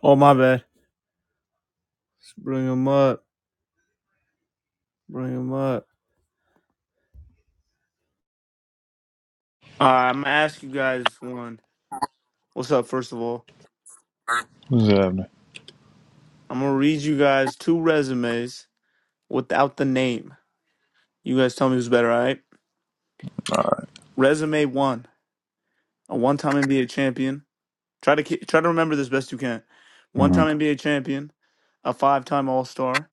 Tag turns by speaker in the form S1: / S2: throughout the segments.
S1: Oh my bad. Just bring him up. Bring him up. Alright, I'm gonna ask you guys one. What's up? First of all,
S2: What's happening?
S1: I'm gonna read you guys two resumes without the name. You guys tell me who's better. All right.
S2: All
S1: Resume one: a one-time NBA champion. Try to ki- try to remember this best you can.
S2: right.
S1: One-time NBA champion, a five-time All-Star,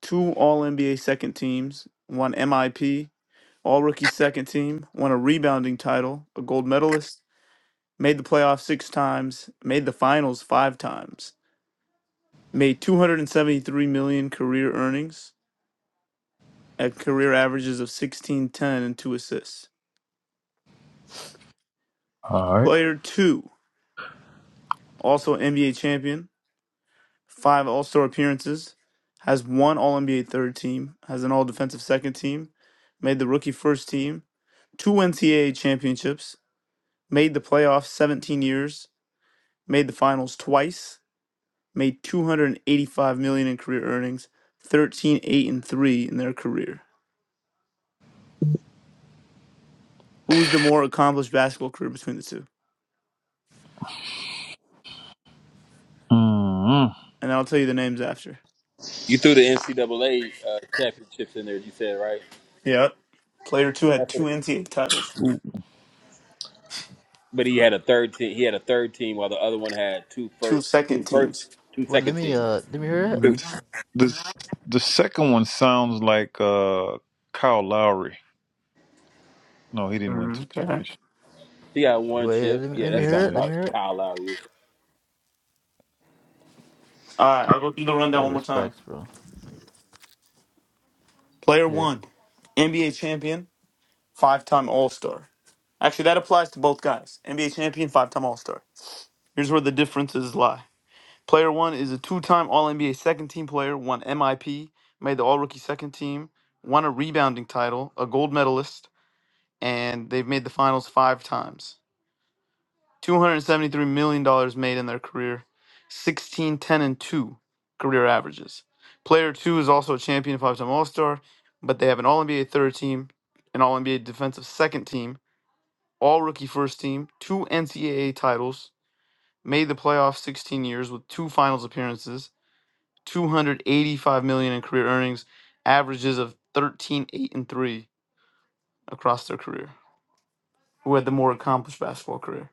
S1: two All-NBA second teams, one MIP, All-Rookie second team, won a rebounding title, a gold medalist, made the playoffs six times, made the finals five times. made 273 million career earnings at career averages of 16 10 and 2 assists
S2: All right.
S1: player 2 also nba champion 5 all-star appearances has one all-nba third team has an all-defensive second team made the rookie first team two ncaa championships made the playoffs 17 years made the finals twice made 285 million in career earnings 13 8 and 3 in their career who's the more accomplished basketball career between the two
S2: mm
S1: and I'll tell you the names after.
S3: You threw the NCAA uh, championships in there. You said right.
S1: Yeah. Player two had
S3: That's what,
S1: two NCAA titles,
S3: but he had a third team. He had a third team, while the other one had two
S1: two
S3: first, two
S1: second
S3: first,
S1: teams.
S3: two
S4: What? Let
S3: second
S4: me
S3: teams.
S4: uh, let me hear it.
S2: This,
S1: Mhm.
S2: this the second one sounds like uh Kyle Lowry. No, he didn't win
S1: Mhm,
S2: two
S1: Okay.
S2: times.
S3: He got one
S4: Wait,
S3: chip.
S4: let me
S3: Yeah,
S4: let me
S3: that
S4: hear
S3: sound
S4: it.
S2: Yeah.
S4: Let me
S3: about
S4: hear it.
S3: Kyle Lowry.
S1: All right, I'll go through the
S4: I
S1: rundown
S4: got
S1: one more time.
S4: respects, bro.
S1: Player
S4: Yeah.
S1: one, NBA champion, five time All Star. Actually, that applies to both guys NBA champion, five time All Star. Here's where the differences lie. Player one is a two time All NBA second team player, won MIP, made the All Rookie second team, won a rebounding title, a gold medalist, and they've made the finals five times. $273 million dollars made in their career, 16, 10, and 2 career averages. Player 2 is also a champion five time All Star, but they have an All NBA third team, an All NBA defensive second team, All Rookie first team, two NCAA titles, made the playoffs 16 years with two finals appearances, 285 million dollars in career earnings, averages of 13, 8, and 3 across their career. Who had the more accomplished basketball career?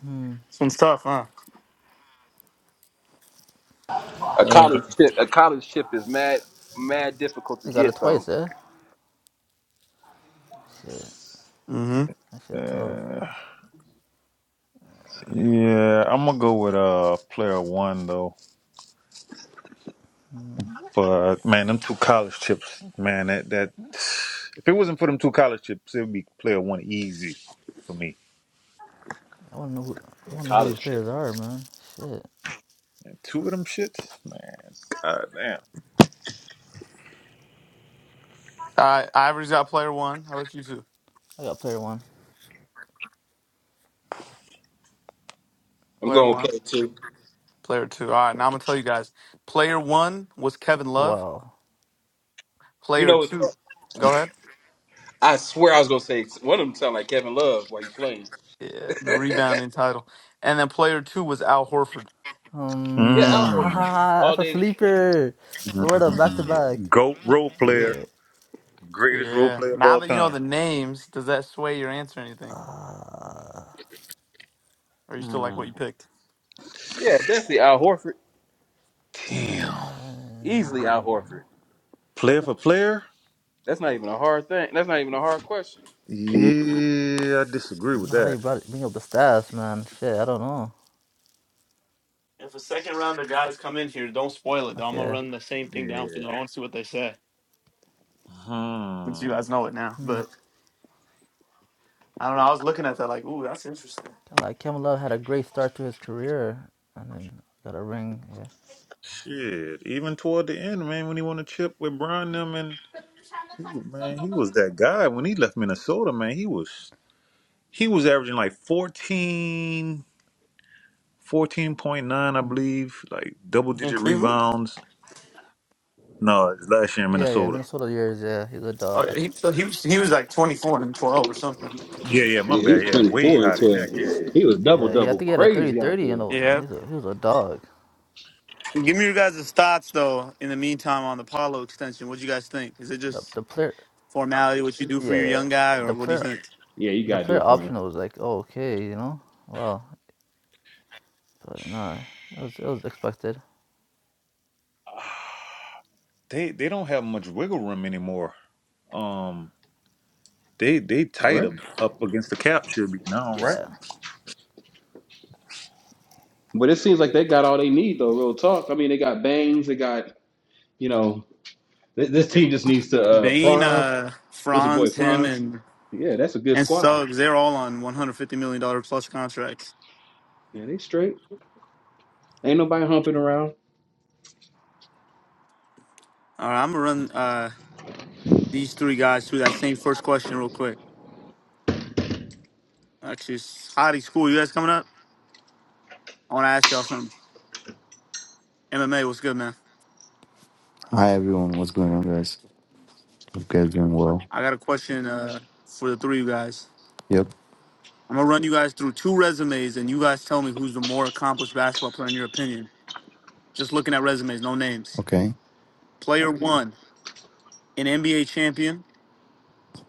S4: Hmm.
S1: This one's tough, huh?
S3: A
S2: Uh,
S3: college chip, a college chip is mad, mad difficult to
S4: They got it
S3: get though.
S4: twice, eh? Shit.
S1: Mm-hmm.
S4: That shit tough.
S2: uh, yeah, I'm gonna go with uh player one though.
S4: Hmm.
S2: But man, them two college chips, man, that that if it wasn't for them two college chips, it would be player one easy for me.
S4: I wanna know who I
S3: A
S4: wanna know who
S3: college
S4: these
S3: chip
S4: players are,
S3: is.
S4: man. Shit.
S2: And two of them shits, man. God damn.
S1: All right, Ivory's got player one. How about you two?
S4: I got player one.
S3: I'm
S1: Player
S3: going to
S1: one,
S3: play too.
S1: player two. All right, now I'm gonna tell you guys. Player one was Kevin Love.
S4: Wow.
S3: You
S1: Player
S3: know,
S1: two,
S3: it's-
S1: go ahead.
S3: I swear I was going to say one of them sound like Kevin Love while he's playing.
S1: Yeah, the rebounding title, and then player two was Al Horford.
S4: Um.
S3: Yeah, Al
S2: Mm.
S3: Horford
S4: Ah,
S3: all
S4: that's a
S3: day.
S4: sleeper. Florida back to back.
S2: Mm. Goat role player.
S4: Yeah.
S2: Greatest role
S1: Yeah.
S2: player of
S1: Now
S2: all
S1: that you know
S2: time.
S1: the names, does that sway your answer or anything?
S4: Ah.
S1: Or you still like what you
S2: Mm,
S1: picked?
S3: Yeah, definitely Al Horford.
S2: Damn.
S4: Uh,
S3: Easily Al Horford.
S2: Player for player?
S3: That's not even a hard thing. That's not even a hard question.
S2: Yeah, I disagree with
S4: not how
S2: that.
S4: you brought it, bring up the stats, man. Shit. I don't know.
S1: If a second round of guys come in here, don't spoil it. though. I'm gonna
S4: Okay.
S1: run the same thing down for
S2: Yeah.
S1: you. I want to see what they say. Since you
S2: Hmm.
S1: guys know it now,
S4: Hmm.
S1: but I don't know. I was looking at that like, ooh, that's interesting.
S4: Like Kevin Love had a great start to his career, and then got a ring. Yeah.
S2: Shit. Even toward the end, man, when he won a chip with Brian them and he was- man, he was that guy. When he left Minnesota, man, he was he was averaging like fourteen, fourteen point nine, I
S4: Hmm.
S2: believe, like double
S1: In
S2: digit
S1: Cleveland.
S2: rebounds. No, it's last year in
S4: Yeah, yeah,
S2: Minnesota.
S4: Minnesota years. Yeah, he's a
S1: Uh,
S4: dog. I-
S1: he, so he was he was like twenty four and twelve or something.
S2: Yeah, yeah, my
S3: Yeah, he was
S2: bad. Yeah, way
S3: 24 and
S2: higher than that. Yeah,
S3: 12.
S2: yeah.
S3: He was double
S4: Yeah, yeah. I
S3: double
S4: think he had a thirty
S3: crazy out
S4: thirty. You
S3: there.
S4: know,
S1: Yeah.
S4: he's a, he was a dog.
S1: Give me your guys' thoughts though. In the meantime, on the Paulo extension, what do you guys think? Is it
S4: The
S1: just
S4: the player.
S1: formality? What you do for
S4: Yeah,
S1: your
S4: yeah.
S1: young guy, or
S4: The
S1: what do you
S4: player.
S1: think?
S3: Yeah, you
S4: The
S3: gotta do
S4: player
S3: it for him.
S4: option was like, oh, okay, you know. Well, but nah, it was it was expected.
S2: they they don't have much wiggle room anymore. Um, they they
S3: All
S2: tight
S3: right.
S2: up, up against the cap should be now, right?
S4: Yeah,
S3: But it seems like they got all they need though. Real talk. I mean, they got Bangs. They got you know th- this
S1: Yeah.
S3: team just needs to uh
S1: Bain,
S3: Franz.
S1: uh,
S3: What's the boy
S1: Franz, him,
S3: Franz?
S1: and
S3: Yeah, that's a good
S1: and
S3: squad.
S1: Suggs—they're all on one hundred fifty million dollar plus contracts.
S3: Yeah, they straight. Ain't nobody humping around.
S1: All right, I'm gonna run uh, these three guys through that same first question real quick. Actually, it's Hottie School, you guys coming up? I want to ask y'all something. MMA, what's good, man?
S5: Hi everyone, what's going on guys? Hope you guys doing well.
S1: I got a question uh, for the three of you guys.
S5: Yep,
S1: I'm gonna run you guys through two resumes, and you guys tell me who's the more accomplished basketball player in your opinion. Just looking at resumes, no names.
S5: okay.
S1: Player one, an NBA champion.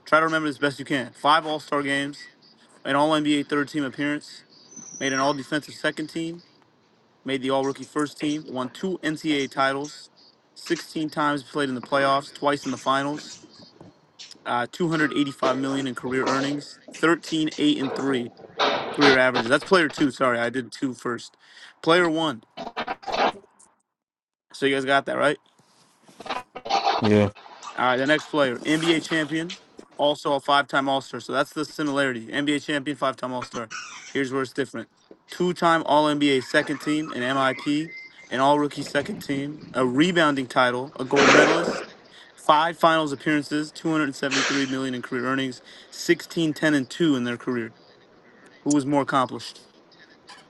S1: Try to remember this best you can. Five All Star games, an All NBA third team appearance, made an All Defensive second team, made the All Rookie first team, won two NCAA titles, 16 times played in the playoffs, twice in the finals, uh, 285 million in career earnings, 13 8 and 3 career averages. That's player two. Sorry, I did two first. Player one. So you guys got that right.
S6: Yeah.
S1: All right, the next player, NBA champion, also a five-time All-Star. So that's the similarity. NBA champion, five-time All-Star. Here's where it's different. Two-time All-NBA second team, an MIP, an All-Rookie second team, a rebounding title, a gold medalist, five finals appearances, 273 million in career earnings, 16 10 and 2 in their career. Who was more accomplished?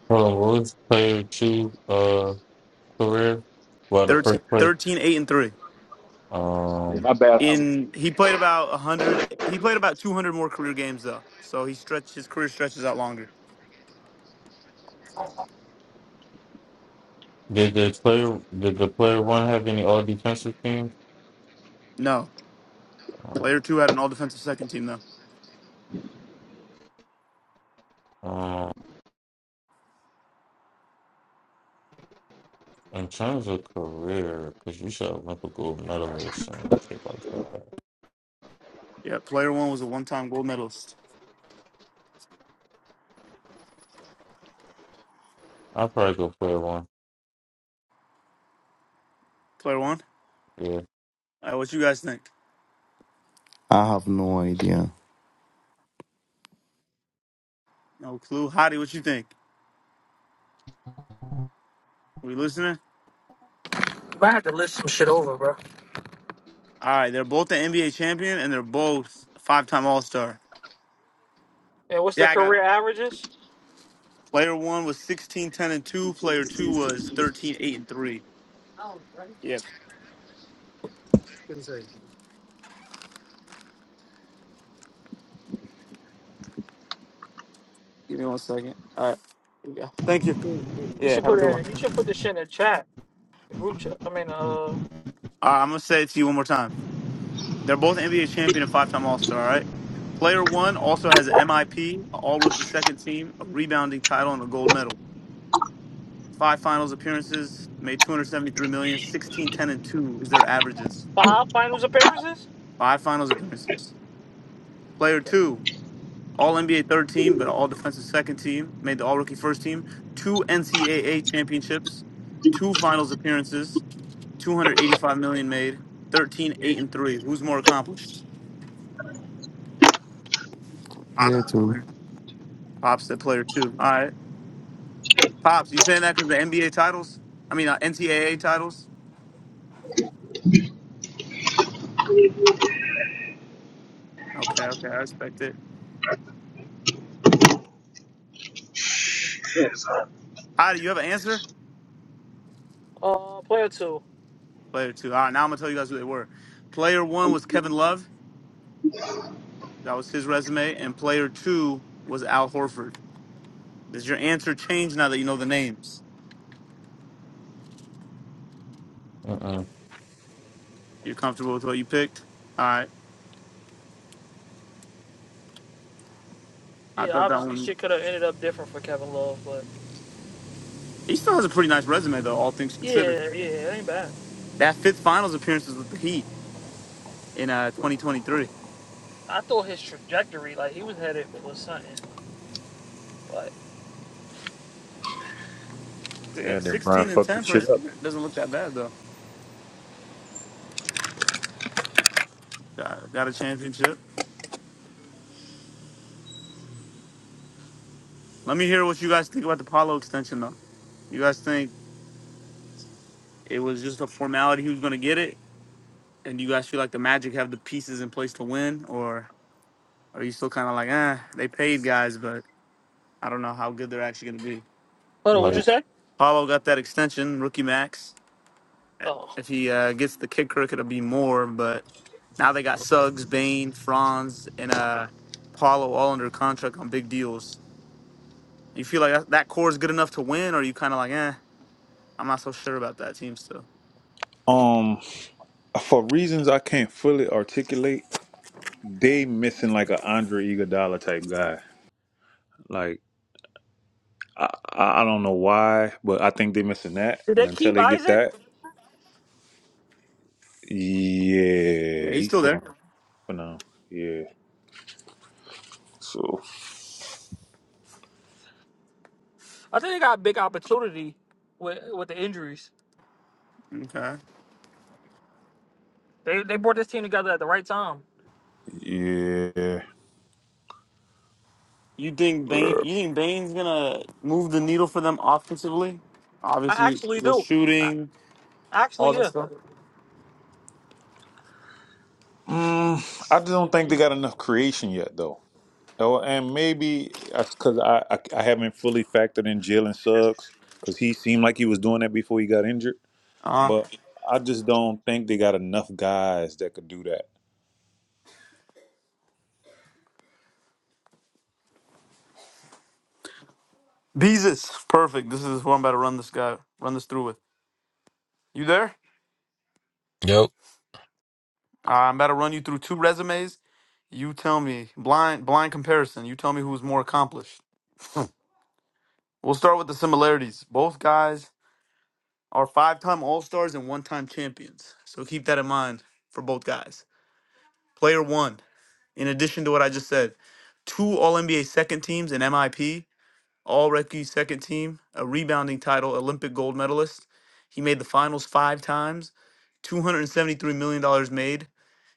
S6: Hold on. What was player two uh career? Well, the
S1: Thirteen,
S6: first play.
S1: thirteen, eight and 3.
S3: Yeah,
S6: Um,
S3: my bad.
S1: in he played about 100 he played about 200 more career games though so he stretched his career stretches out longer
S6: did the player did the player one have any all defensive teams?
S1: no
S6: Uh,
S1: player two had an all defensive second team though
S6: Um, in terms of career, because you should have Olympic gold medalist and shit like that.
S1: yeah player one was a one-time gold medalist
S6: I'll probably go player one.
S1: player one
S6: Yeah.
S1: all right what you guys think
S5: I have no idea.
S1: no clue Hottie, what you think we listening
S7: I had to list some shit over, bro.
S1: all right they're both the nba champion and they're both five-time all-star
S7: And what's the
S1: yeah i got it.
S7: career averages?
S1: player one was 16 10 and 2 player two was 13 8 and 3 yep give me one second all right yeah thank you
S7: You
S1: yeah
S7: should
S1: have a
S7: put
S1: good
S7: it
S1: one
S7: in. You should put this shit in the chat, the group chat. I mean, uh,
S1: all right i'm gonna say it to you one more time They're both NBA champion and five-time All-Star. All right. Player one also has an MIP, an All-Rookie second team, a rebounding title, and a gold medal. Five Finals appearances, made two hundred seventy-three million, sixteen ten and two is their averages.
S7: five finals appearances.
S1: Five Finals appearances. Player
S7: Okay.
S1: two, All NBA third team, but All Defensive second team, made the All-Rookie first team, two NCAA championships, two Finals appearances, 285 million made, 13 8 and three. Who's more accomplished?
S5: Yeah, too.
S1: Pops at player two. All right. Pops, you saying that because the NBA titles? I mean, uh, NCAA titles? Okay, okay, I respect it. Hi, do you have an answer?
S7: Uh, player two.
S1: Player two. All right, now I'm going to tell you guys who they were. Player one was Kevin Love. That was his resume. And player two was Al Horford. Does your answer change now that you know the names?
S6: Mm-mm.
S1: You're comfortable with what you picked? All right. I
S7: Yeah,
S1: thought that
S7: obviously
S1: one.
S7: shit could have ended up different for Kevin Love, but
S1: He still has a pretty nice resume, though, all things
S7: yeah,
S1: considered.
S7: yeah, it ain't bad.
S1: That fifth finals appearance was with the Heat in uh, 2023.
S7: I thought his trajectory, like he was headed for something, but
S1: Si-
S2: Yeah, then Brian
S1: 16 and
S2: fucked the
S1: 10 for
S2: shit
S1: his
S2: up.
S1: career. Doesn't look that bad, though. Got got a championship. Let me hear what you guys think about the Paulo extension, though. You guys think it was just a formality He was going to get it? And do you guys feel like the Magic have the pieces in place to win? Or are you still kind of like, eh, they paid guys, but I don't know how good they're actually going to be?
S7: hold on, what
S6: Like
S7: you say?
S1: Paulo got that extension, rookie max.
S7: Oh,
S1: If he uh, gets the kicker, it'll be more. But now they got Suggs, Bain, Franz, and uh, Paulo all under contract on big deals. You feel like that that core is good enough to win? Or are you kind of like, eh, I'm not so sure about that team still?
S2: Um, for reasons I can't fully articulate, they missing like a Andre Iguodala type guy. Like I I I don't know why, but I think they missing that.
S7: did
S2: And
S7: they
S2: until
S7: keep
S2: they get
S7: Isaac?
S2: that,
S1: Yeah,
S2: yeah,
S1: he's
S2: he's
S1: still
S2: still
S1: there.
S2: on for now. Yeah. So
S7: I think they got a big opportunity with with the injuries.
S1: Okay.
S7: They they brought this team together at the right time.
S2: yeah,
S1: You think Bain? You think Bain's gonna move the needle for them offensively?
S7: I
S1: Obviously,
S7: actually
S1: the
S7: do. I,
S1: shooting,
S7: actually,
S1: all that
S7: yeah.
S1: stuff.
S2: Mm, I just don't think they got enough creation yet, though. Oh, and maybe because I, I I haven't fully factored in Jalen Suggs because he seemed like he was doing that before he got injured,
S1: Uh,
S2: but I just don't think they got enough guys that could do that.
S1: Beezus, perfect. This is who I'm about to run this guy, run this through with. You there?
S8: Yep.
S1: Uh, I'm about to run you through two resumes. You tell me blind, blind comparison. You tell me who's more accomplished. We'll start with the similarities. Both guys are five-time All Stars and one-time champions. So keep that in mind for both guys. Player one. In addition to what I just said, two All NBA second teams in MIP, All Rookie second team, a rebounding title, Olympic gold medalist. He made the finals five times, $273 million dollars made,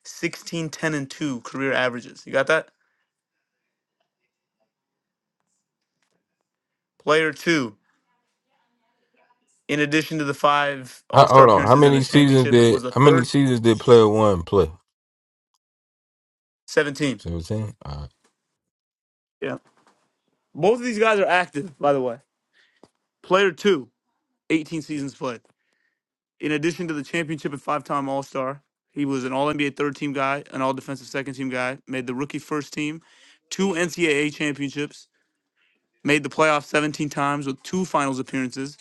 S1: 16 10 and 2 career averages. You got that? Player two, in addition to the five All
S8: How,
S1: Star
S8: hold on. How
S1: appearances and a
S8: many seasons
S1: championship,
S8: did
S1: was a
S8: how many
S1: third
S8: seasons did player one play?
S1: 17.
S8: Seventeen. All right.
S1: Yeah. Both of these guys are active, by the way. Player two, eighteen seasons played. In addition to the championship and five time All Star, he was an All NBA third team guy, an All Defensive second team guy, made the rookie first team, two NCAA championships, made the playoffs 17 times with two finals appearances,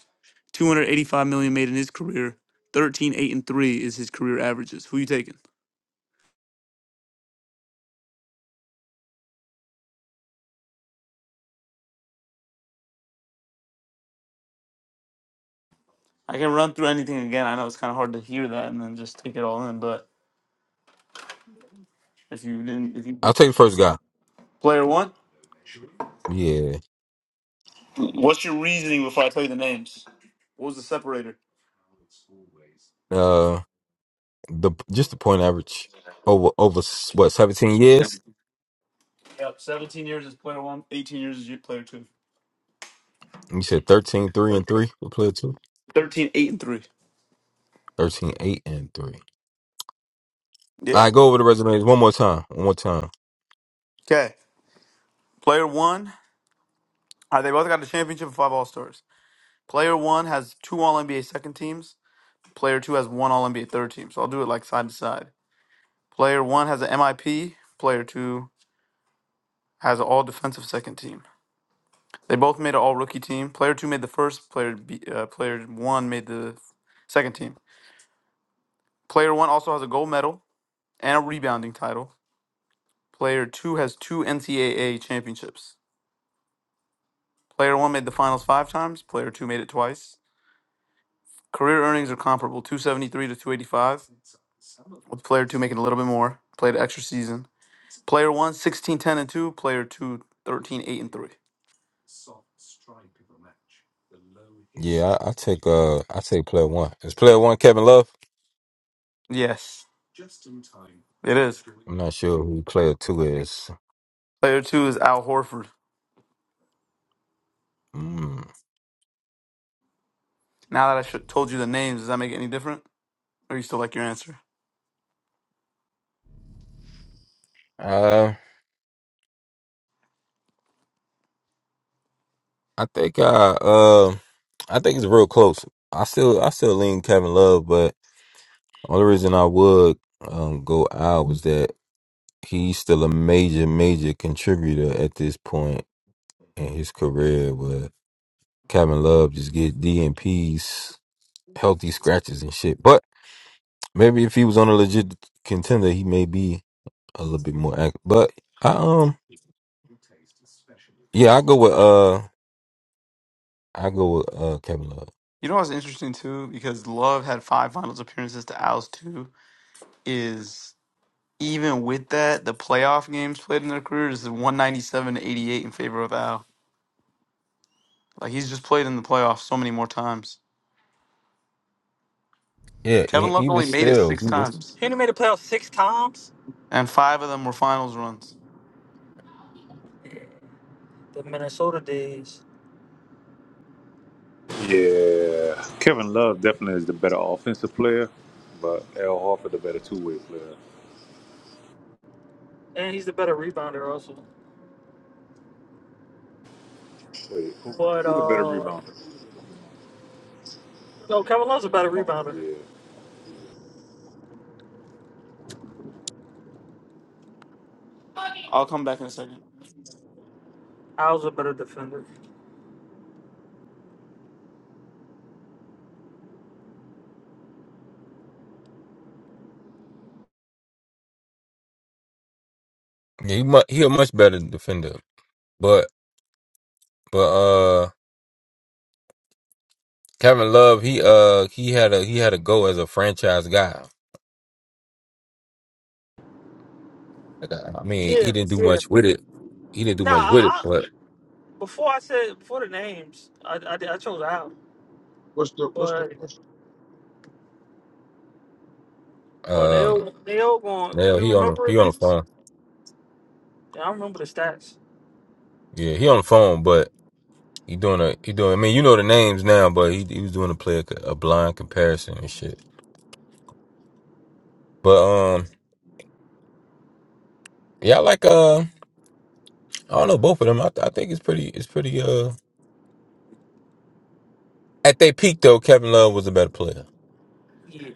S1: 285 million made in his career. 13.8 and 3 is his career averages. Who you taking? I can run through anything again. I know it's kind of hard to hear that and then just take it all in, but if you didn't, if you
S8: I'll take the first guy.
S1: player one,
S8: Yeah.
S1: what's your reasoning before I tell you the names? What was the separator?
S8: Uh, the just the point average over over s- what seventeen years.
S1: Yep, 17 years is player one, 18 years is player two.
S8: And You said 13, 3 and three with player two.
S1: 13, 8, and 3.
S8: Thirteen, eight and three.
S1: Yeah.
S8: All right. Go over the resumes one more time. One more time.
S1: Okay. Player one, uh, they both got a championship and five All Stars. Player one has two All NBA second teams. Player two has one All NBA third team. So I'll do it like side to side. Player one has an MIP. Player two has an All Defensive second team. They both made an All Rookie team. Player two made the first. Player B, uh, player one made the second team. Player one also has a gold medal and a rebounding title. Player two has two NCAA championships. Player one made the finals five times. Player two made it twice. Career earnings are comparable, 273 to 285, with player two making a little bit more. Played an extra season. Player one 16 10 and 2. Player two thirteen eight and 3.
S8: Yeah. I, I take uh I take player one. Is player one Kevin Love?
S1: Yes, it is.
S8: I'm not sure who player two is.
S1: Player two is Al Horford.
S8: Mm.
S1: Now that I sh- told you the names, does that make it any different? Or you still like your answer?
S8: I think I uh I think it's real close. I still I still lean Kevin Love, but only reason I would um go out was that he's still a major major contributor at this point in his career. Where Kevin Love just get D and P's healthy scratches and shit. But maybe if he was on a legit contender, he may be a little bit more active. But I um yeah I go with uh I go with uh Kevin Love.
S1: You know what's interesting too, because Love had five finals appearances to Al's two, is even with that, the playoff games played in their careers is 197 to 88 in favor of Al. Like he's just played in the playoffs so many more times.
S8: Yeah,
S1: Kevin
S8: e-
S1: Love
S8: even
S1: only made it
S8: still.
S1: six times,
S7: He only made the playoffs six times.
S1: and five of them were finals runs.
S7: The Minnesota days,
S2: Yeah, Kevin Love definitely is the better offensive player, but Al Horford the better two way player.
S7: and he's the better rebounder also.
S2: Wait, who,
S7: But
S2: who the better
S7: uh,
S2: rebounder?
S7: no, Kevin Love's a better
S2: Oh
S7: rebounder.
S2: yeah,
S1: I'll come back in a second.
S7: I was a better defender.
S8: Yeah, he mu- he a much better defender. But but uh Kevin Love, he uh he had a he had a go as a franchise guy. Like, uh, I mean, he
S7: Yeah,
S8: didn't do
S7: yeah.
S8: much with it. He didn't do
S7: Nah,
S8: much with it,
S7: I,
S8: but
S7: I, before I said before the names, I I, did- I chose Al,
S9: What's the what's the
S7: but
S9: question?
S7: well
S8: um
S7: Neil Neil going.
S8: now
S7: You
S8: he on the
S7: remember
S8: he
S7: it,
S8: on the
S7: Beavis?
S8: phone.
S7: Yeah, I remember the stats.
S8: Yeah, he on the phone, but he doing a he doing I mean, you know the names now, but he he was doing a play a blind comparison and shit. But um yeah, I like uh I don't know both of them. I, I think it's pretty it's pretty uh at their peak though, Kevin Love was a better player.
S7: Yeah,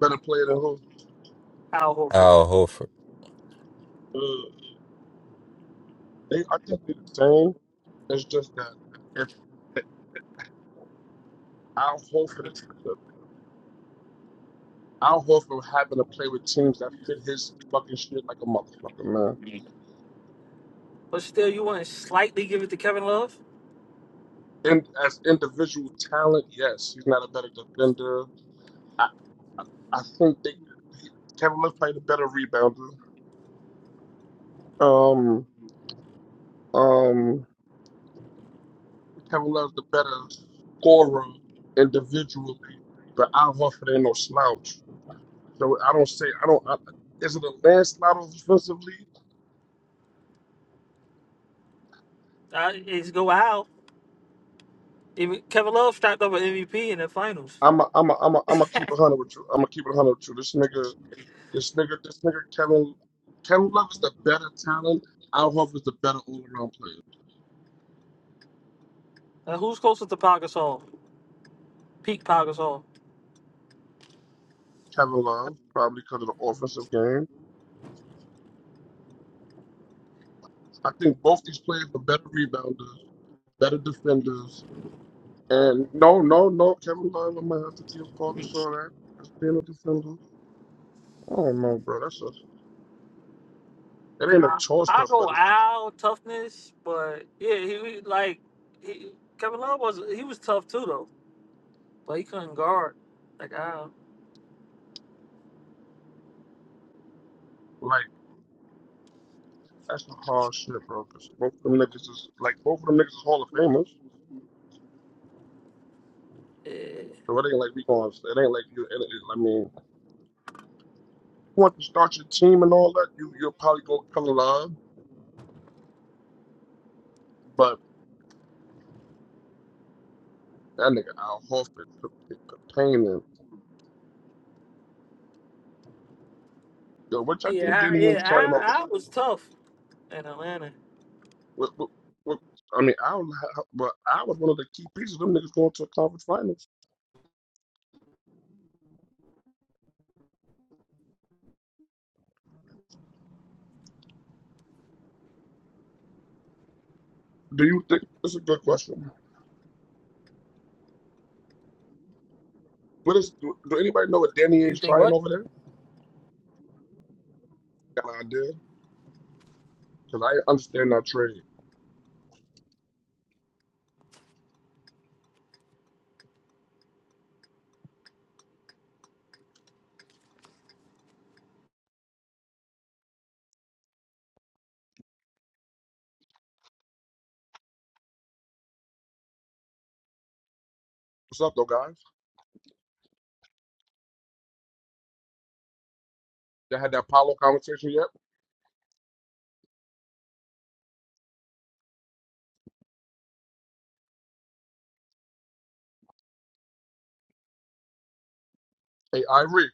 S9: Better player than who?
S7: Al Horford.
S8: Al Horford.
S9: Uh, they I think they're the same. It's just that if, if Al Horford, is- Al Horford happened to play with teams that fit his fucking shit like a motherfucker, man.
S7: But still, you want to slightly give it to Kevin Love?
S9: And as individual talent, yes, he's not a better defender. I I, I think they he, Kevin Love played a better rebounder. Um um Kevin Love's the better scorer individually, but Al Horford ain't no slouch. So I don't say I don't. I, is it a landslide offensively?
S7: I, it's go Al. Even Kevin Love stacked up an MVP in the finals.
S9: I'm a, I'm a, I'm a, I'm gonna keep it hundred with you. I'm gonna keep it hundred with you. This nigga, this nigga, this nigga, Kevin, Kevin Love is the better talent. Al Horford is the better all around player.
S7: Now, who's closer to Pau Gasol? peak Power Gasol.
S9: Kevin Love probably because of the offensive game. I think both these players are better rebounders, better defenders. And no, no, no, Kevin Love, I might have to give Paul Gasol that as being a defender. I don't know, bro. That's a it ain't no
S7: Nah,
S9: toss
S7: I
S9: up,
S7: go
S9: but it's
S7: Al toughness, but yeah, he he- like he, Kevin Love was he was tough too though, but he couldn't guard like Al.
S9: like. That's some hard shit, bro. Cause both of them niggas is like both of them niggas is Hall of Famers.
S7: Yeah,
S9: So it ain't like we going. It ain't like you. It, it, I mean, if you want to start your team and all that, you you'll probably go come alive. But that nigga Al Horford, P- P- P- Payne, and yo, which I think
S7: yeah, I-
S9: Danny
S7: yeah.
S9: Ainge trying over.
S7: Al, Al was tough in Atlanta.
S9: What, what, what, I mean, I would, ha- but I was one of the key pieces. of Them niggas going to a conference finals. Do you think that's a good question? What is? Do, do anybody know what Danny
S7: Do you
S9: Ainge
S7: think
S9: trying
S7: what?
S9: over there? Got an idea? Cause I understand that trade. What's up, though, guys? They had that Apollo conversation yet? Hey, Irie.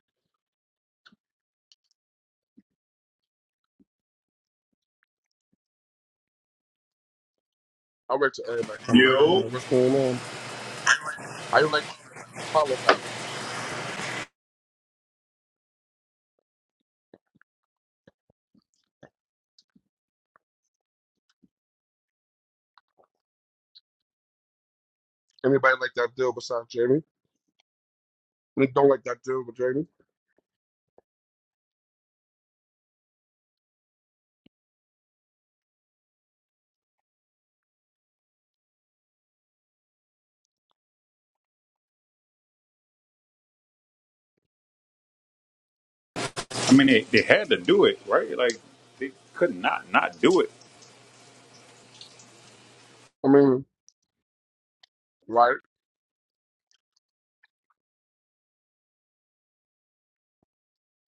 S9: I wait till everybody come back. I don't know
S2: yo.
S9: what's going on. How you like that Apollo guy? Anybody like that deal besides Jamie? We don't like that deal with Jamie.
S2: I mean, they, they had to do it right. Like they could not not do it.
S9: I mean, right?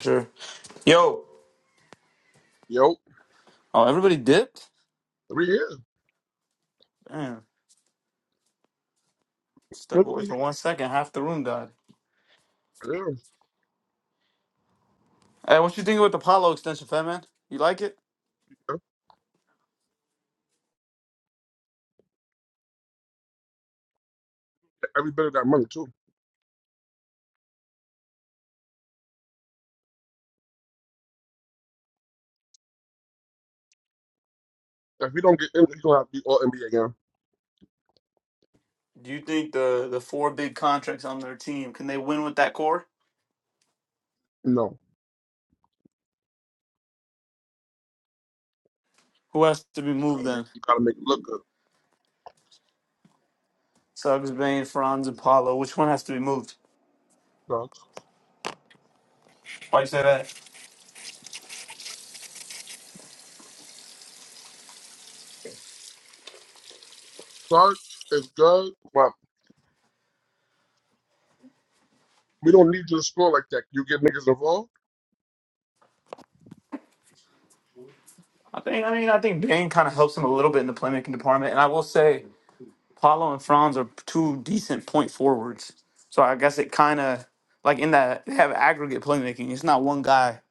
S1: Sure. Yo.
S9: Yo,
S1: Oh, everybody dipped.
S9: we here.
S1: Damn. Step
S9: Look,
S1: away
S9: we here.
S1: for one second. Half the room died.
S9: Yeah.
S1: Hey, what you think about the Paolo extension, Fat Man? You like it?
S9: That's Every bit of that money too. If we don't get in, he's gonna have to be all NBA again.
S1: Do you think the the four big contracts on their team can they win with that core?
S9: No,
S1: Who has to be moved then?
S9: you gotta make it look good.
S1: Suggs, Bain, Franz, and Paolo. Which one has to be moved?
S9: Starks,
S1: Why you say that?
S9: Starks is good, but we don't need you to score like that. You get niggas involved.
S1: I think I mean I think Bane kind of helps him a little bit in the playmaking department, and I will say Paulo and Franz are two decent point forwards. So I guess it kind of like in that they have aggregate playmaking. It's not one guy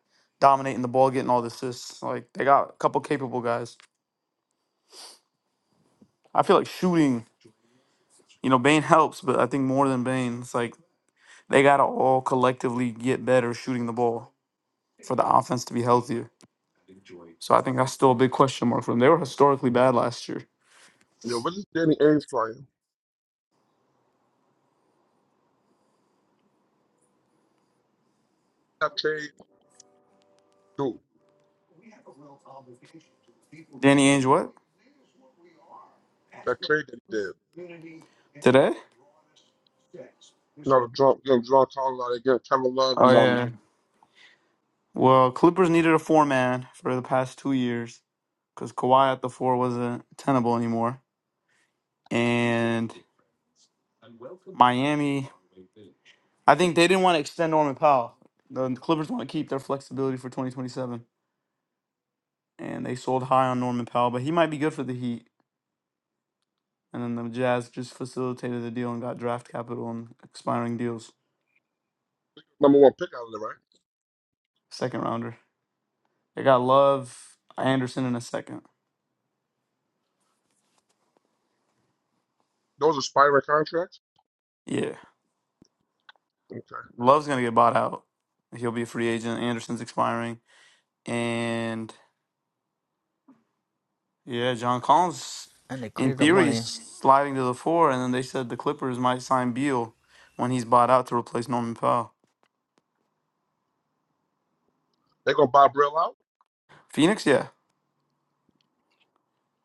S1: dominating the ball, getting all the assists. Like they got a couple capable guys. I feel like shooting, you know, Bane helps, but I think more than Bane, it's like they gotta all collectively get better shooting the ball for the offense to be healthier. So I think that's still a big question mark for them. They were historically bad last year.
S9: Yo, what is Danny Ainge playing? That trade, dude.
S1: Danny Ainge, what
S9: That trade that he did.
S1: today?
S9: No, draw, no, draw talking about it. Get Kevin Love
S1: Oh
S9: and um
S1: yeah. Well, Clippers needed a four man for the past two years because Kawhi at the four wasn't tenable anymore, and Miami. I think they didn't want to extend Norman Powell. The Clippers want to keep their flexibility for 2027, and they sold high on Norman Powell, but he might be good for the Heat. And then the Jazz just facilitated the deal and got draft capital and expiring deals,
S9: number one pick out of there, right?
S1: second rounder. They got Love, Anderson in a second.
S9: Those expiring contracts.
S1: Yeah.
S9: Okay,
S1: Love's gonna get bought out. He'll be a free agent. Anderson's expiring, and yeah, John Collins,
S4: and they
S1: in
S4: cleared up
S1: theory, is
S4: money.
S1: sliding to the four. And then they said the Clippers might sign Beal when he's bought out to replace Norman Powell.
S9: they gonna buy Brill out.
S1: Phoenix, yeah,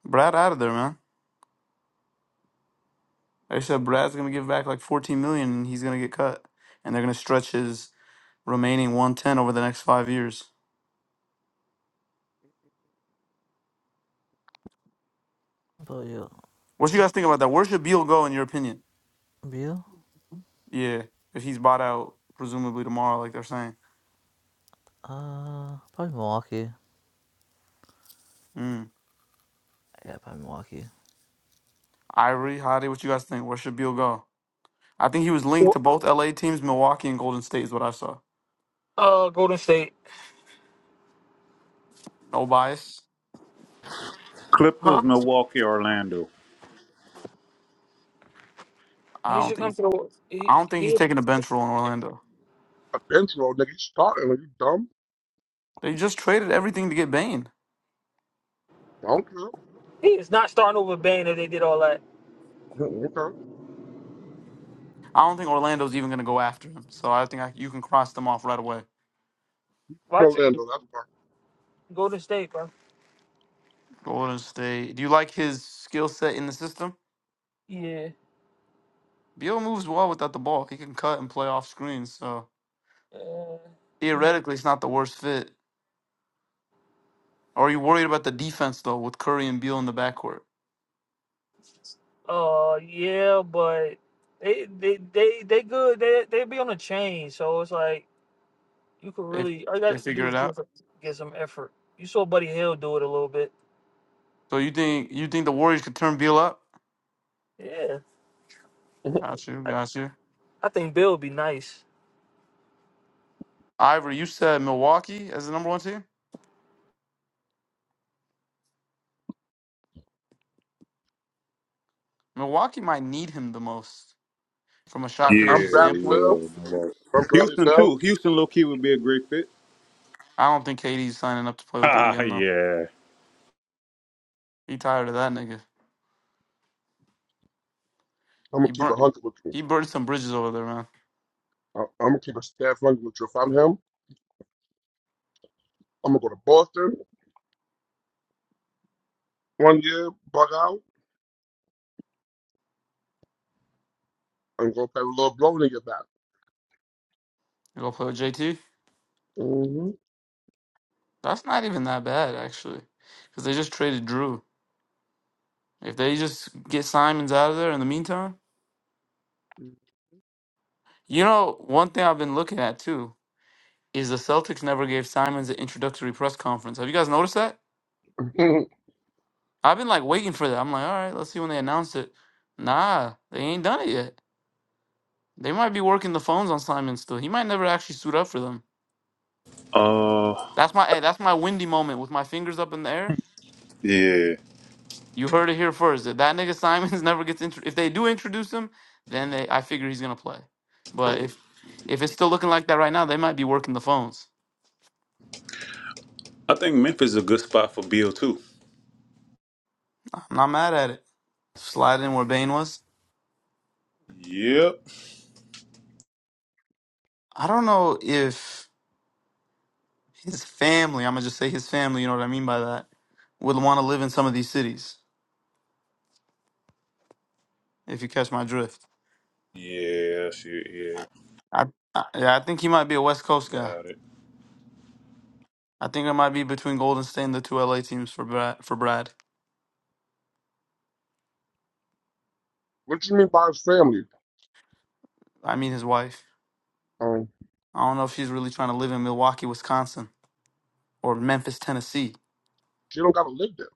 S1: Brad out of there, man. They said Brad's gonna give back like 14 million, and he's gonna get cut, and they're gonna stretch his remaining 110 over the next five years.
S4: But you,
S1: What do you guys think about that? Where should Beal go in your opinion?
S4: Bill.
S1: Yeah, if he's bought out presumably tomorrow, like they're saying.
S4: Uh, probably Milwaukee.
S1: Hmm.
S4: Yeah, probably Milwaukee.
S1: Ivory, Hadi, what you guys think? Where should Beal go? I think he was linked
S7: Wh-
S1: to both LA teams, Milwaukee and Golden State is what I saw.
S7: Uh, Golden State,
S1: No bias.
S2: Clippers,
S7: huh?
S2: Milwaukee, Orlando.
S7: He
S1: I don't
S7: should come
S1: think
S7: to the.
S1: I
S7: He
S1: don't think he's
S7: he
S1: taking a bench role in Orlando.
S9: A bench roll, nigga. You starting? Are you dumb?
S1: They just traded everything to get Bane.
S9: I don't care.
S7: he is not starting over Bane if they did all that.
S9: Mm, Okay,
S1: I don't think Orlando's even going to go after him. So I think I, you can cross them off right away.
S9: I'm
S7: Watch it,
S9: Orlando. That's fine.
S7: Golden State, bro.
S1: Golden State. Do you like his skill set in the system?
S7: Yeah,
S1: Beal moves well without the ball. He can cut and play off screens. So
S7: uh, yeah.
S1: theoretically, it's not the worst fit. Are you worried about the defense though, with Curry and Beal in the backcourt?
S7: Uh, yeah, but they they they they good. They they be on a chain, so it's like you could
S1: They
S7: really all you got
S1: they
S7: to do
S1: figure
S7: is
S1: it out.
S7: get some, get some effort. You saw Buddy Hill do it a little bit.
S1: So you think you think the Warriors could turn Beal up?
S7: Yeah,
S1: Got you,
S7: I,
S1: got you.
S7: I think Bill would be nice.
S1: Ivory, you said Milwaukee as the number one team. Milwaukee might need him the most from a shot
S2: Yeah,
S9: I'm
S1: creation
S9: Bradley
S1: standpoint.
S2: yeah.
S9: Bell.
S2: no worries.
S9: I'm Bradley
S2: Houston
S9: Bell.
S2: too. Houston low key would be a great fit.
S1: I don't think KD's signing up to play with them
S2: Ah,
S1: again though.
S2: yeah.
S1: He tired of that nigga.
S9: I'm gonna
S1: He
S9: keep a
S1: burnt
S9: hundred with you.
S1: he burned some bridges over there, man.
S9: I, I'm gonna keep a staff hundred with you. If I'm him, I'm gonna go to Boston one year, bug out, and go play a little blow when they get back.
S1: You go play with JT?
S9: hmm
S1: That's not even that bad actually, because they just traded Drew. If they just get Simons out of there in the meantime, you know one thing I've been looking at too is the Celtics never gave Simons an introductory press conference. Have you guys noticed that? I've been like waiting for that. I'm like, all right, let's see when they announce it. Nah, they ain't done it yet. They might be working the phones on Simon still. He might never actually suit up for them.
S2: Uh,
S1: That's my eh, that's my windy moment with my fingers up in the air.
S2: yeah.
S1: You heard it here first. If that nigga Simons never gets intro- if they do introduce him, then they I figure he's gonna play. But if if it's still looking like that right now, they might be working the phones.
S2: I think Memphis is a good spot for Bill too.
S1: I'm not mad at it. Slide in where Bane was.
S2: Yep.
S1: I don't know if his family, I'm gonna just say his family, you know what I mean by that, would want to live in some of these cities, if you catch my drift.
S2: Yeah, shit, yeah.
S1: I, I yeah, I think he might be a West Coast guy.
S2: Got it.
S1: I think it might be between Golden State and the two LA teams for Brad, for Brad.
S9: what you mean by his family?
S1: I mean his wife.
S9: Um,
S1: I don't know if she's really trying to live in Milwaukee, Wisconsin, or Memphis, Tennessee.
S9: she don't gotta live there.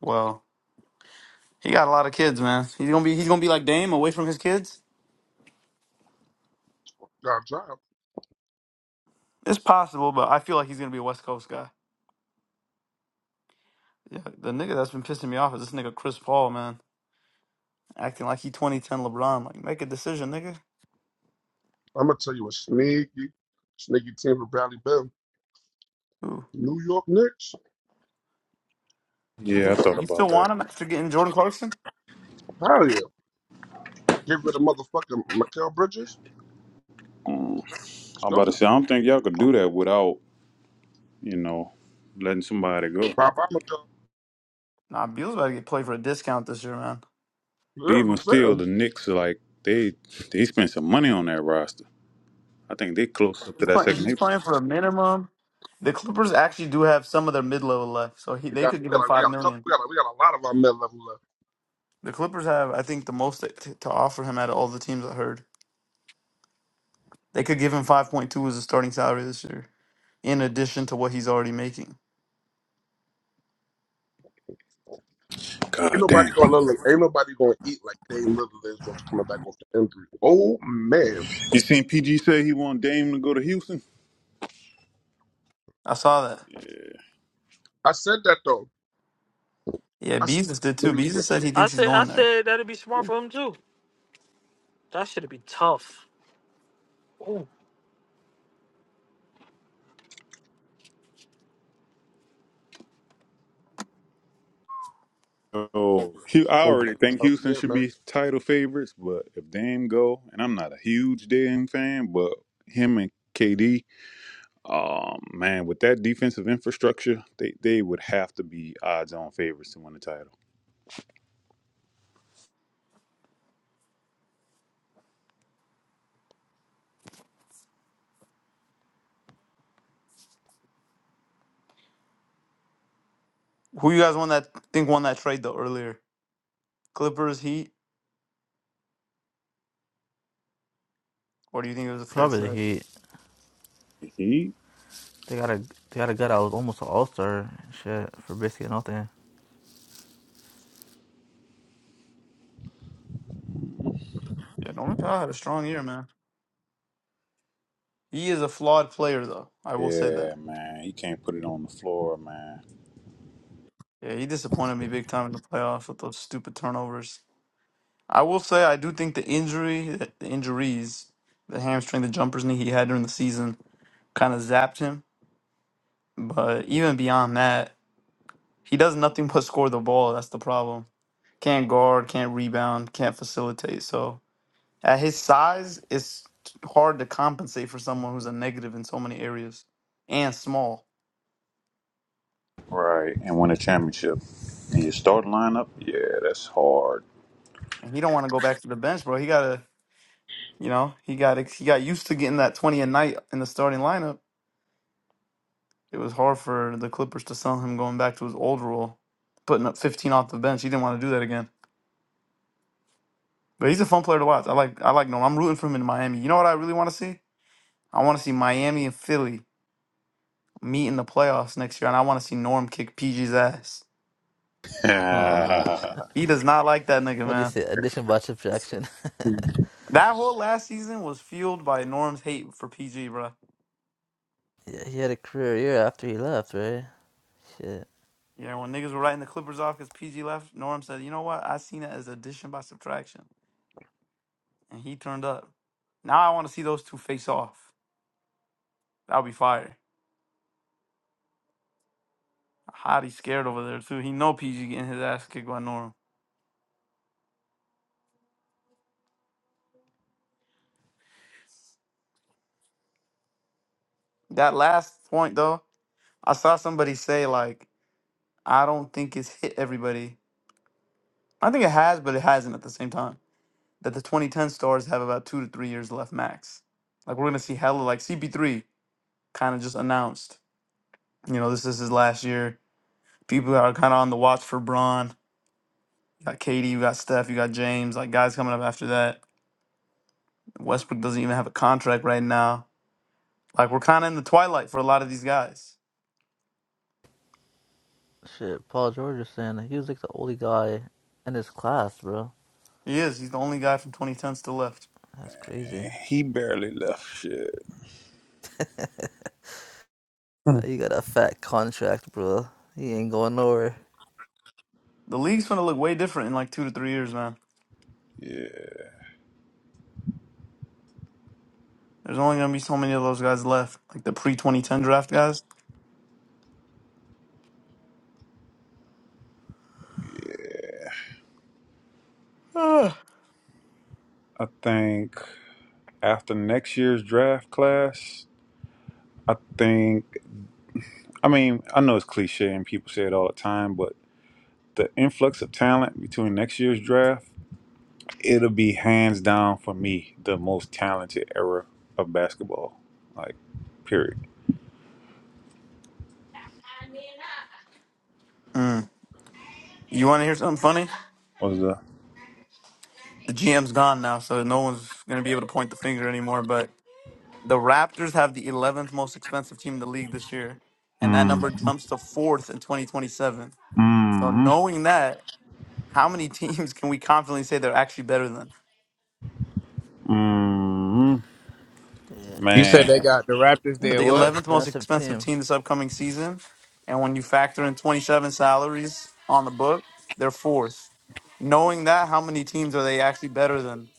S1: Well, he got a lot of kids, man. He's gonna be he's gonna be like Dame, away from his kids.
S9: Got a job.
S1: It's possible, but I feel like he's gonna be a West Coast guy. Yeah, the nigga that's been pissing me off is this nigga Chris Paul, man. acting like he 2010 LeBron. Like, make a decision, nigga.
S9: I'm gonna tell you a sneaky, sneaky team for Bradley Bill.
S1: Ooh,
S9: New York Knicks.
S1: you
S2: Yeah, I
S1: think
S2: thought
S1: you still
S2: about that.
S1: want him after getting Jordan Clarkson?
S9: Hell yeah. Get rid of motherfucking Mikael Bridges.
S2: Mm.
S9: Let's
S2: I'm about
S9: go.
S2: to say I don't think y'all could do that without, you know, letting somebody go.
S9: Bye bye Mikael.
S1: Nah, Beal's about to get played for a discount this year, man.
S9: Yeah,
S2: But
S9: that's what
S2: even
S9: I'm
S2: still
S9: saying.
S2: the Knicks are like they they spent some money on that roster. I think they close up to
S1: He's
S2: that
S1: playing.
S2: second
S1: He's
S2: April.
S1: playing for a minimum. The Clippers actually do have some of their mid level left, so he
S9: We
S1: they
S9: got,
S1: could give
S9: we
S1: him
S9: got like, we
S1: five
S9: got a couple
S1: million.
S9: we got a, we got a lot of our mid level left.
S1: The Clippers have, I think, the most to, to offer him out of all the teams I heard. They could give him five point two as a starting salary this year, in addition to what he's already making.
S9: Ain't
S2: God
S9: nobody
S2: damn.
S9: gonna look like, ain't nobody gonna eat like Dame Lillard is just coming back off the injury. Oh man.
S2: You seen PG say he want Dame to go to Houston?
S1: I saw that.
S9: I said that though.
S1: Yeah,
S9: I said
S1: Beezus did
S9: that
S1: too.
S9: in Houston.
S1: Beezus
S9: It's
S1: said he
S7: I
S1: thinks he's
S7: said I
S1: going there.
S7: said that'd be smart for him too. That should be tough. Ooh.
S2: Oh, Hu- I
S9: gonna be
S2: already think
S9: a tough
S2: Houston
S9: year,
S2: should
S9: man.
S2: be title favorites, but if Dame go, and I'm not a huge Dame fan, but him and KD, um, man, with that defensive infrastructure, they they would have to be odds-on favorites to win the title.
S1: Who you guys won that? Think won that trade though earlier? Clippers, Heat, Or do you think it was a fair
S4: Probably the
S1: trade?
S4: Heat.
S2: He,
S4: They got a they got a gut. I was almost an all star shit for Biscuit and all that.
S1: Yeah, Norman Powell had a strong year, man. He is a flawed player, though. I will say that.
S2: yeah, man, he can't put it on the floor, man.
S1: Yeah, he disappointed me big time in the playoffs with those stupid turnovers. I will say I do think the injury, the injuries, the hamstring, the jumper's knee he had during the season kind of zapped him. But even beyond that, he does nothing but score the ball. That's the problem. Can't guard, can't rebound, can't facilitate. So at his size, it's hard to compensate for someone who's a negative in so many areas and small.
S2: Right, and win a championship. And your start lineup, yeah, that's hard.
S1: And he don't want to go back to the bench, bro. He gotta, you know, he got he got used to getting that twenty a night in the starting lineup. It was hard for the Clippers to sell him going back to his old role, putting up fifteen off the bench. He didn't want to do that again. But he's a fun player to watch. I like I like Nolan. I'm rooting for him in Miami. You know what I really want to see? I want to see Miami and Philly meet in the playoffs next year, and I want to see Norm kick PG's ass.
S4: Oh man,
S1: He does not like that nigga,
S4: what do you
S1: man.
S4: say? Addition by subtraction.
S1: That whole last season was fueled by Norm's hate for PG, bro.
S4: yeah, he had a career year after he left, right? Shit,
S1: Yeah, when niggas were writing the Clippers off because PG left, Norm said, you know what? I seen it as addition by subtraction. And he turned up. Now I want to see those two face off. That'll be fire. Hottie's scared over there too. He know PG getting his ass kicked by Norm. That last point though, I saw somebody say like, I don't think it's hit everybody. I think it has, but it hasn't at the same time. That the 2010 stars have about two to three years left max. Like we're gonna see hella like CP3 kind of just announced. You know, this is his last year people are kind of on the watch for Braun. You got KD, you got Steph, you got James, like guys coming up after that. Westbrook doesn't even have a contract right now. Like we're kind of in the twilight for a lot of these guys.
S4: shit. Paul George was saying he was like the only guy in his class, bro.
S1: He is. He's the only guy from 2010 still left.
S4: That's crazy.
S2: Man, he barely left shit.
S4: Now You got a fat contract, bro. He ain't going nowhere.
S1: The league's gonna look way different in like two to three years, man.
S2: Yeah,
S1: There's only gonna be so many of those guys left, like the pre 2010 draft guys. Ugh.
S2: I think. after next year's draft class, I think, I mean, I know it's cliche and people say it all the time, but the influx of talent between next year's draft, it'll be hands down for me the most talented era of basketball. Like, period.
S1: Mm. You want to hear something funny?
S2: What was the.
S1: The GM's gone now, so no one's gonna be able to point the finger anymore. But The Raptors have the 11th most expensive team in the league this year, and that number
S2: Mm,
S1: jumps to fourth in 2027. So
S2: mm,
S1: knowing that, how many teams can we confidently say they're actually better than?
S2: mm,
S10: You said they
S2: man.
S10: got the Raptors
S1: They're
S10: did
S1: the
S4: You got an
S10: what?
S1: 11th most
S4: expensive
S1: expensive
S4: team.
S1: team this upcoming season, and when you factor in 27 salaries on the book, they're fourth. Knowing that, how many teams are they actually better than?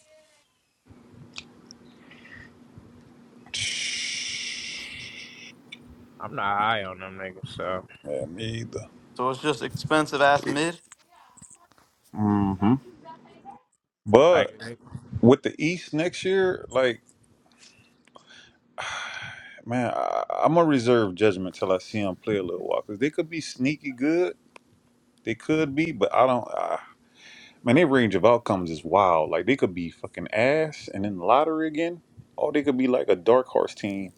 S10: I'm not high on them niggas, so
S2: Yeah, me either.
S1: So it's just expensive ass mid.
S2: hmm
S10: like
S2: But
S10: they,
S2: with the East next year, like, Man, I, I'm gonna reserve judgment till I see them play a little while because they could be sneaky good. They could be, but I don't. Uh, man, their range of outcomes is wild. Like they could be fucking ass and in the lottery again, or they could be like a dark horse team.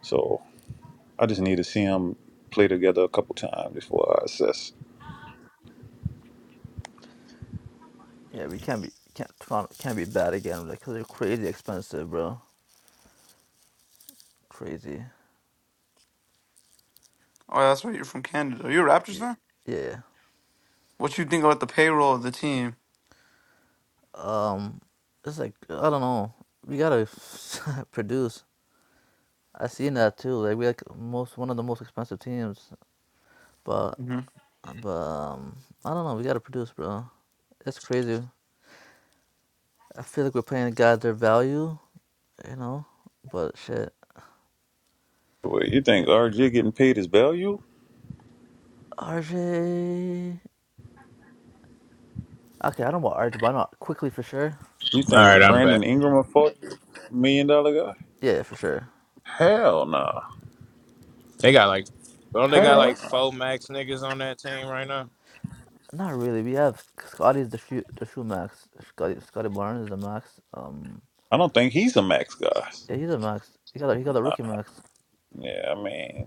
S2: So I just need to see them play together a couple times before I assess.
S4: Yeah, we can't be can't can't be bad again, like 'cause they're crazy expensive, bro. Crazy.
S1: Oh, that's right. You're from Canada. Are you a Raptors
S4: Yeah,
S1: fan?
S4: yeah.
S1: What you think about the payroll of the team?
S4: Um, it's like I don't know. We gotta produce. I seen that too. Like we like most one of the most expensive teams, but
S1: hmm
S4: but um, I don't know. We gotta produce, bro. It's crazy. I feel like we're playing God their value, you know. But shit,
S2: Wait, you
S4: yeah.
S2: think RJ getting paid his value?
S4: RJ. Okay, I don't know about RJ, but I know quickly for sure.
S2: You
S10: all
S2: think
S10: right, I'm back.
S2: Brandon Ingram a forty million dollar guy?
S4: Yeah, yeah, for sure.
S2: Hell no.
S10: They got like don't they
S4: Right
S10: got
S4: there you
S2: Hell
S10: like
S4: go.
S2: no.
S10: four max niggas on that team right now?
S4: Not really. We have Scotty's the shoe, the shoe max. Scotty, Scotty Barnes is the max. Um,
S2: I don't think he's a max guy.
S4: Yeah, he's a max. He got a, he got a
S2: Nah.
S4: rookie max.
S2: Yeah, I mean.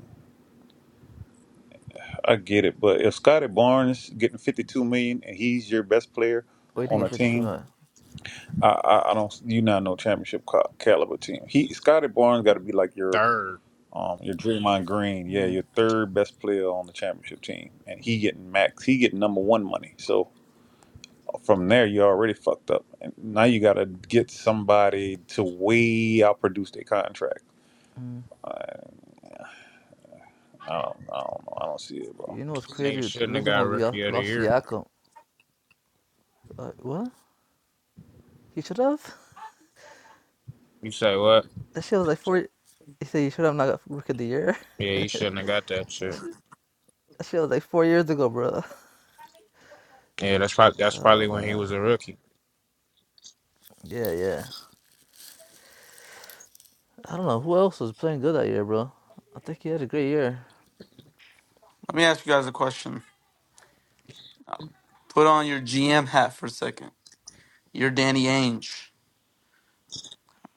S2: I get it, but if Scotty Barnes getting fifty two million and he's your best player
S4: Oh, you think
S2: on a
S4: it's 52
S2: team,
S4: million?
S2: I I, I don't you not no championship ca- caliber team. He Scotty Barnes got to be like your
S10: Third.
S2: um your Draymond Green, yeah,
S4: Mm,
S2: your third best player on the championship team, and he getting max, he getting number one money. So from there, you already fucked up, and now you got to get somebody to way outproduce their contract.
S4: mm.
S2: I, I don't I don't know I don't see it, bro.
S4: You know what's
S10: Nigga
S4: crazy? The
S10: shouldn't have
S4: reason
S10: got
S4: why we lo-
S10: rookie of the
S4: lost
S10: year.
S4: Siakam. Uh, what? He should have?
S10: You say what?
S4: That shit was like four. He said he should have not got rookie of the year.
S10: Yeah, he shouldn't have got that
S4: That
S10: shit.
S4: shit, that shit was like four years ago, bro.
S10: Yeah, that's probably that's probably
S4: Oh,
S10: when he
S4: man.
S10: was a rookie.
S4: Yeah, yeah. I don't know. Who else was playing good that year, bro? I think he had a great year.
S1: Let me ask you guys a question. Put on your GM hat for a second. You're Danny Ainge.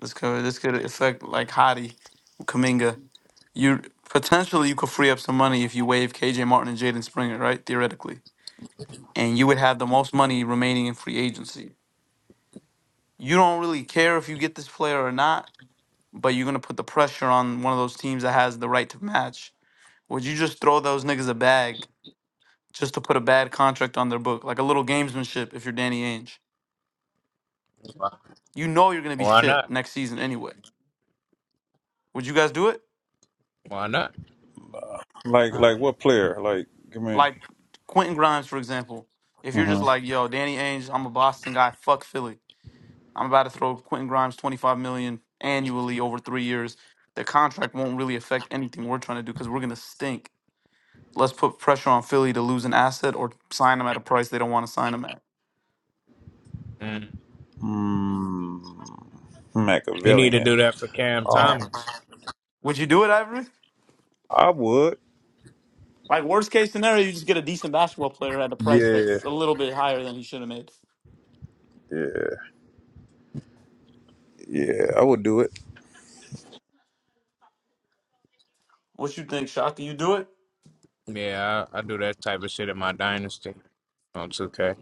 S1: This could this could affect like Hottie, Kaminga. You potentially you could free up some money if you waive KJ Martin and Jaden Springer, right? Theoretically, and you would have the most money remaining in free agency. You don't really care if you get this player or not, but you're gonna put the pressure on one of those teams that has the right to match. Would you just throw those niggas a bag just to put a bad contract on their book, like a little gamesmanship? If you're Danny Ainge,
S10: Why,
S1: you know you're gonna be
S10: why
S1: shit
S10: not?
S1: next season anyway. Would you guys do it?
S10: Why not?
S2: Uh, like
S4: Uh,
S2: like what player? Like give me.
S1: Like Quentin Grimes, for example. If you're just
S2: mm-hmm.
S1: like, yo, Danny Ainge, I'm a Boston guy, fuck Philly. I'm about to throw Quentin Grimes 25 million annually over three years. The contract won't really affect anything we're trying to do because we're gonna stink. Let's put pressure on Philly to lose an asset or sign them at a price they don't want to sign them at.
S10: Mm.
S2: Mm,
S10: He need to
S2: Machiavellian.
S10: do that for Cam
S2: Um,
S10: Thomas.
S1: Would you do it, Ivory?
S2: I would.
S1: Like worst case scenario, you just get a decent basketball player at a price
S2: Yeah,
S1: that's a little bit higher than he should have made.
S2: yeah, yeah. I would do it.
S1: What you think, Shaka? You do it?
S10: Yeah, I, I do that type of shit in my dynasty on 2K.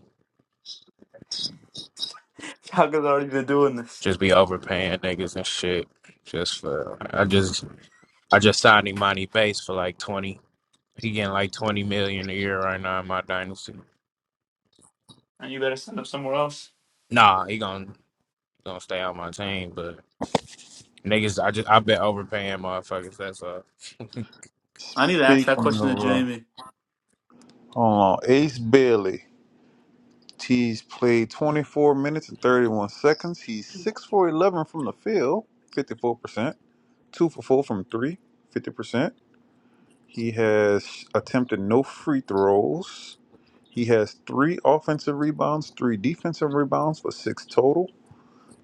S1: Shaka's already been doing this,
S10: Just be overpaying niggas and shit just for I just I just signed Imani Bates for like twenty. He getting like twenty million a year right now in my dynasty.
S1: and you better send him somewhere else.
S10: Nah, he gonna gonna stay on my team, but niggas, I just I been overpaying motherfuckers. That's all.
S1: I need to ask that
S2: Speaking
S1: question to
S2: of, uh, hold
S1: Jamie.
S2: on, Ace Bailey. He's played 24 minutes and 31 seconds. He's six for 11 from the field, 54 percent. Two for four from three, fifty percent. He has attempted no free throws. He has three offensive rebounds, three defensive rebounds for six total.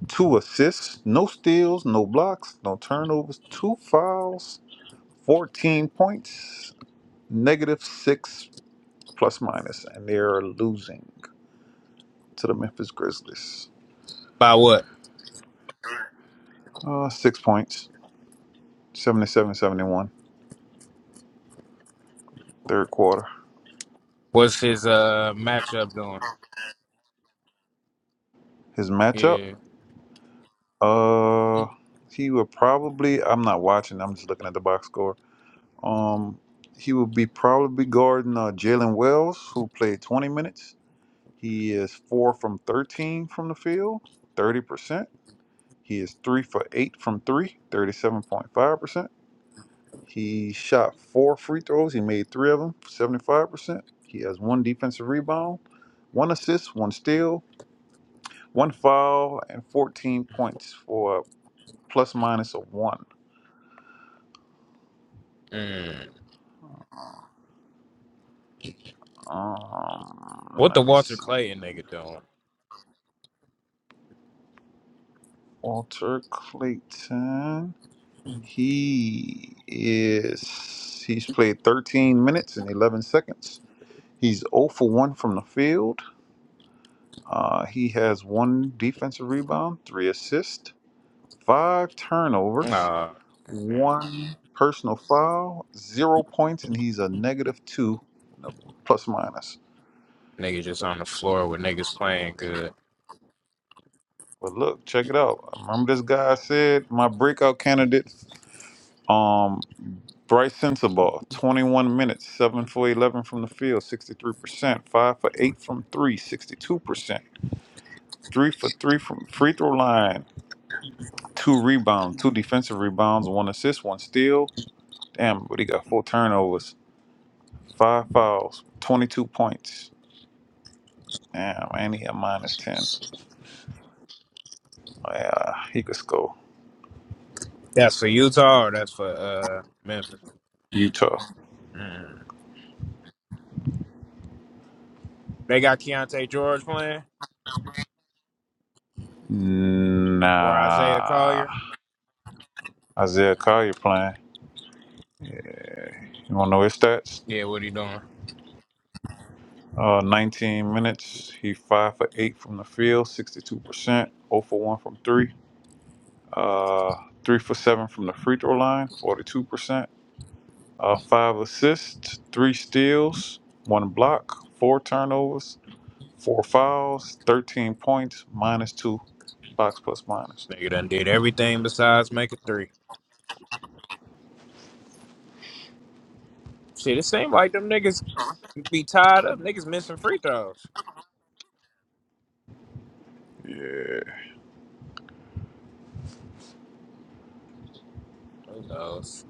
S2: two assists, no steals, no blocks, no turnovers, two fouls, 14 points, negative six plus minus, and they're losing to the Memphis Grizzlies.
S10: By what?
S2: Uh, six points, seventy-seven, seventy-one, third quarter.
S10: What's his uh matchup doing?
S2: His matchup,
S10: Yeah.
S2: uh, he would probably, I'm not watching, I'm just looking at the box score. Um, he would be probably guarding uh, Jalen Wells, who played 20 minutes. He is four from 13 from the field, 30%. He is three for eight from three, thirty-seven point five percent He shot four free throws. He made three of them, 75%. He has one defensive rebound, one assist, one steal, one foul, and 14 points for a plus minus of one.
S10: Mm.
S2: Um,
S10: What the
S2: let me
S10: Walter
S2: see.
S10: Clayton nigga doing?
S2: Walter Clayton. He is. He's played 13 minutes and 11 seconds. He's 0 for 1 from the field. Uh, he has one defensive rebound, three assists, five turnovers,
S10: Nah,
S2: one personal foul, zero points, and he's a negative two, no, plus minus.
S10: nigga just on the floor with niggas playing good.
S2: But look, check it out. Remember this guy said my breakout candidate Um, Bryce Sensabaugh, 21 minutes, 7 for 11 from the field, 63%, 5 for 8 from three, sixty-two percent 3 for 3 from free throw line, 2 rebounds, 2 defensive rebounds, 1 assist, 1 steal. Damn, but he got 4 turnovers, 5 fouls, 22 points. Damn, and he had minus 10. Yeah, he could score.
S10: That's for Utah or that's for uh Memphis.
S2: Utah.
S10: Mm. They got Keontae George playing or Isaiah
S2: Nah.
S10: Collier.
S2: Isaiah Collier playing. You want to know his stats?
S10: Yeah, what he doing?
S2: Uh, 19 minutes. He five for eight from the field, 62%. 0 for one from three. Uh, three for seven from the free throw line, 42%. Uh, five assists, three steals, one block, four turnovers, four fouls, 13 points, minus two, box plus minus.
S10: Nigga done did everything besides make a three. Shit, it seemed like them niggas be tied up. Niggas missing free throws.
S2: Yeah.
S10: Who knows?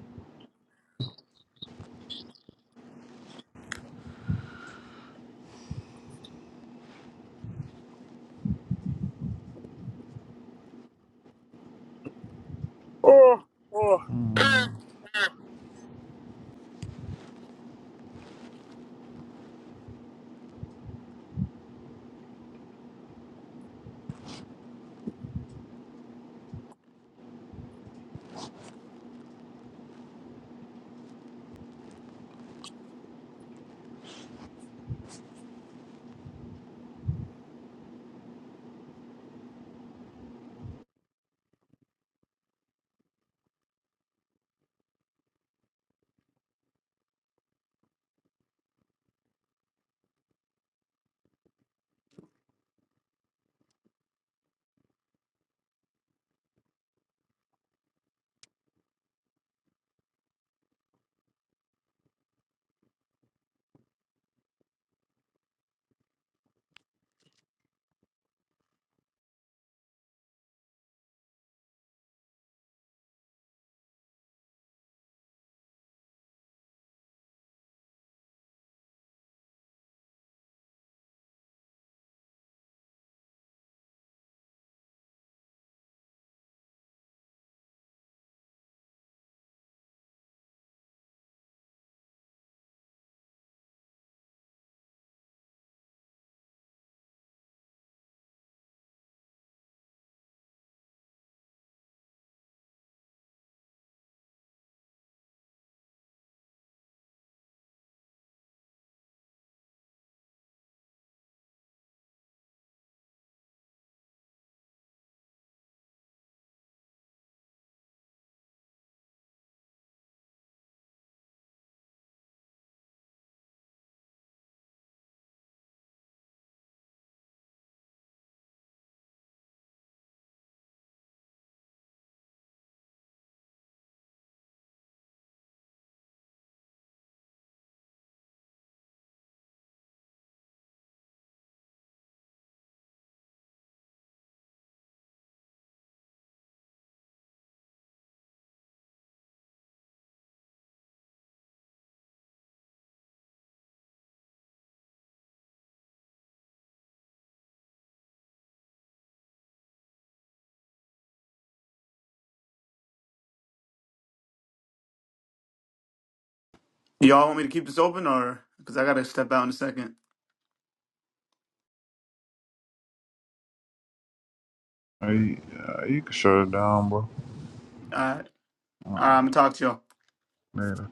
S10: Oh, oh.
S2: Mm.
S1: Y'all want me to keep this open or because I gotta step out in a second.
S2: Hey, uh, you can shut it down, bro.
S1: All right. All
S2: Uh,
S1: right, I'm gonna talk to y'all.
S2: later.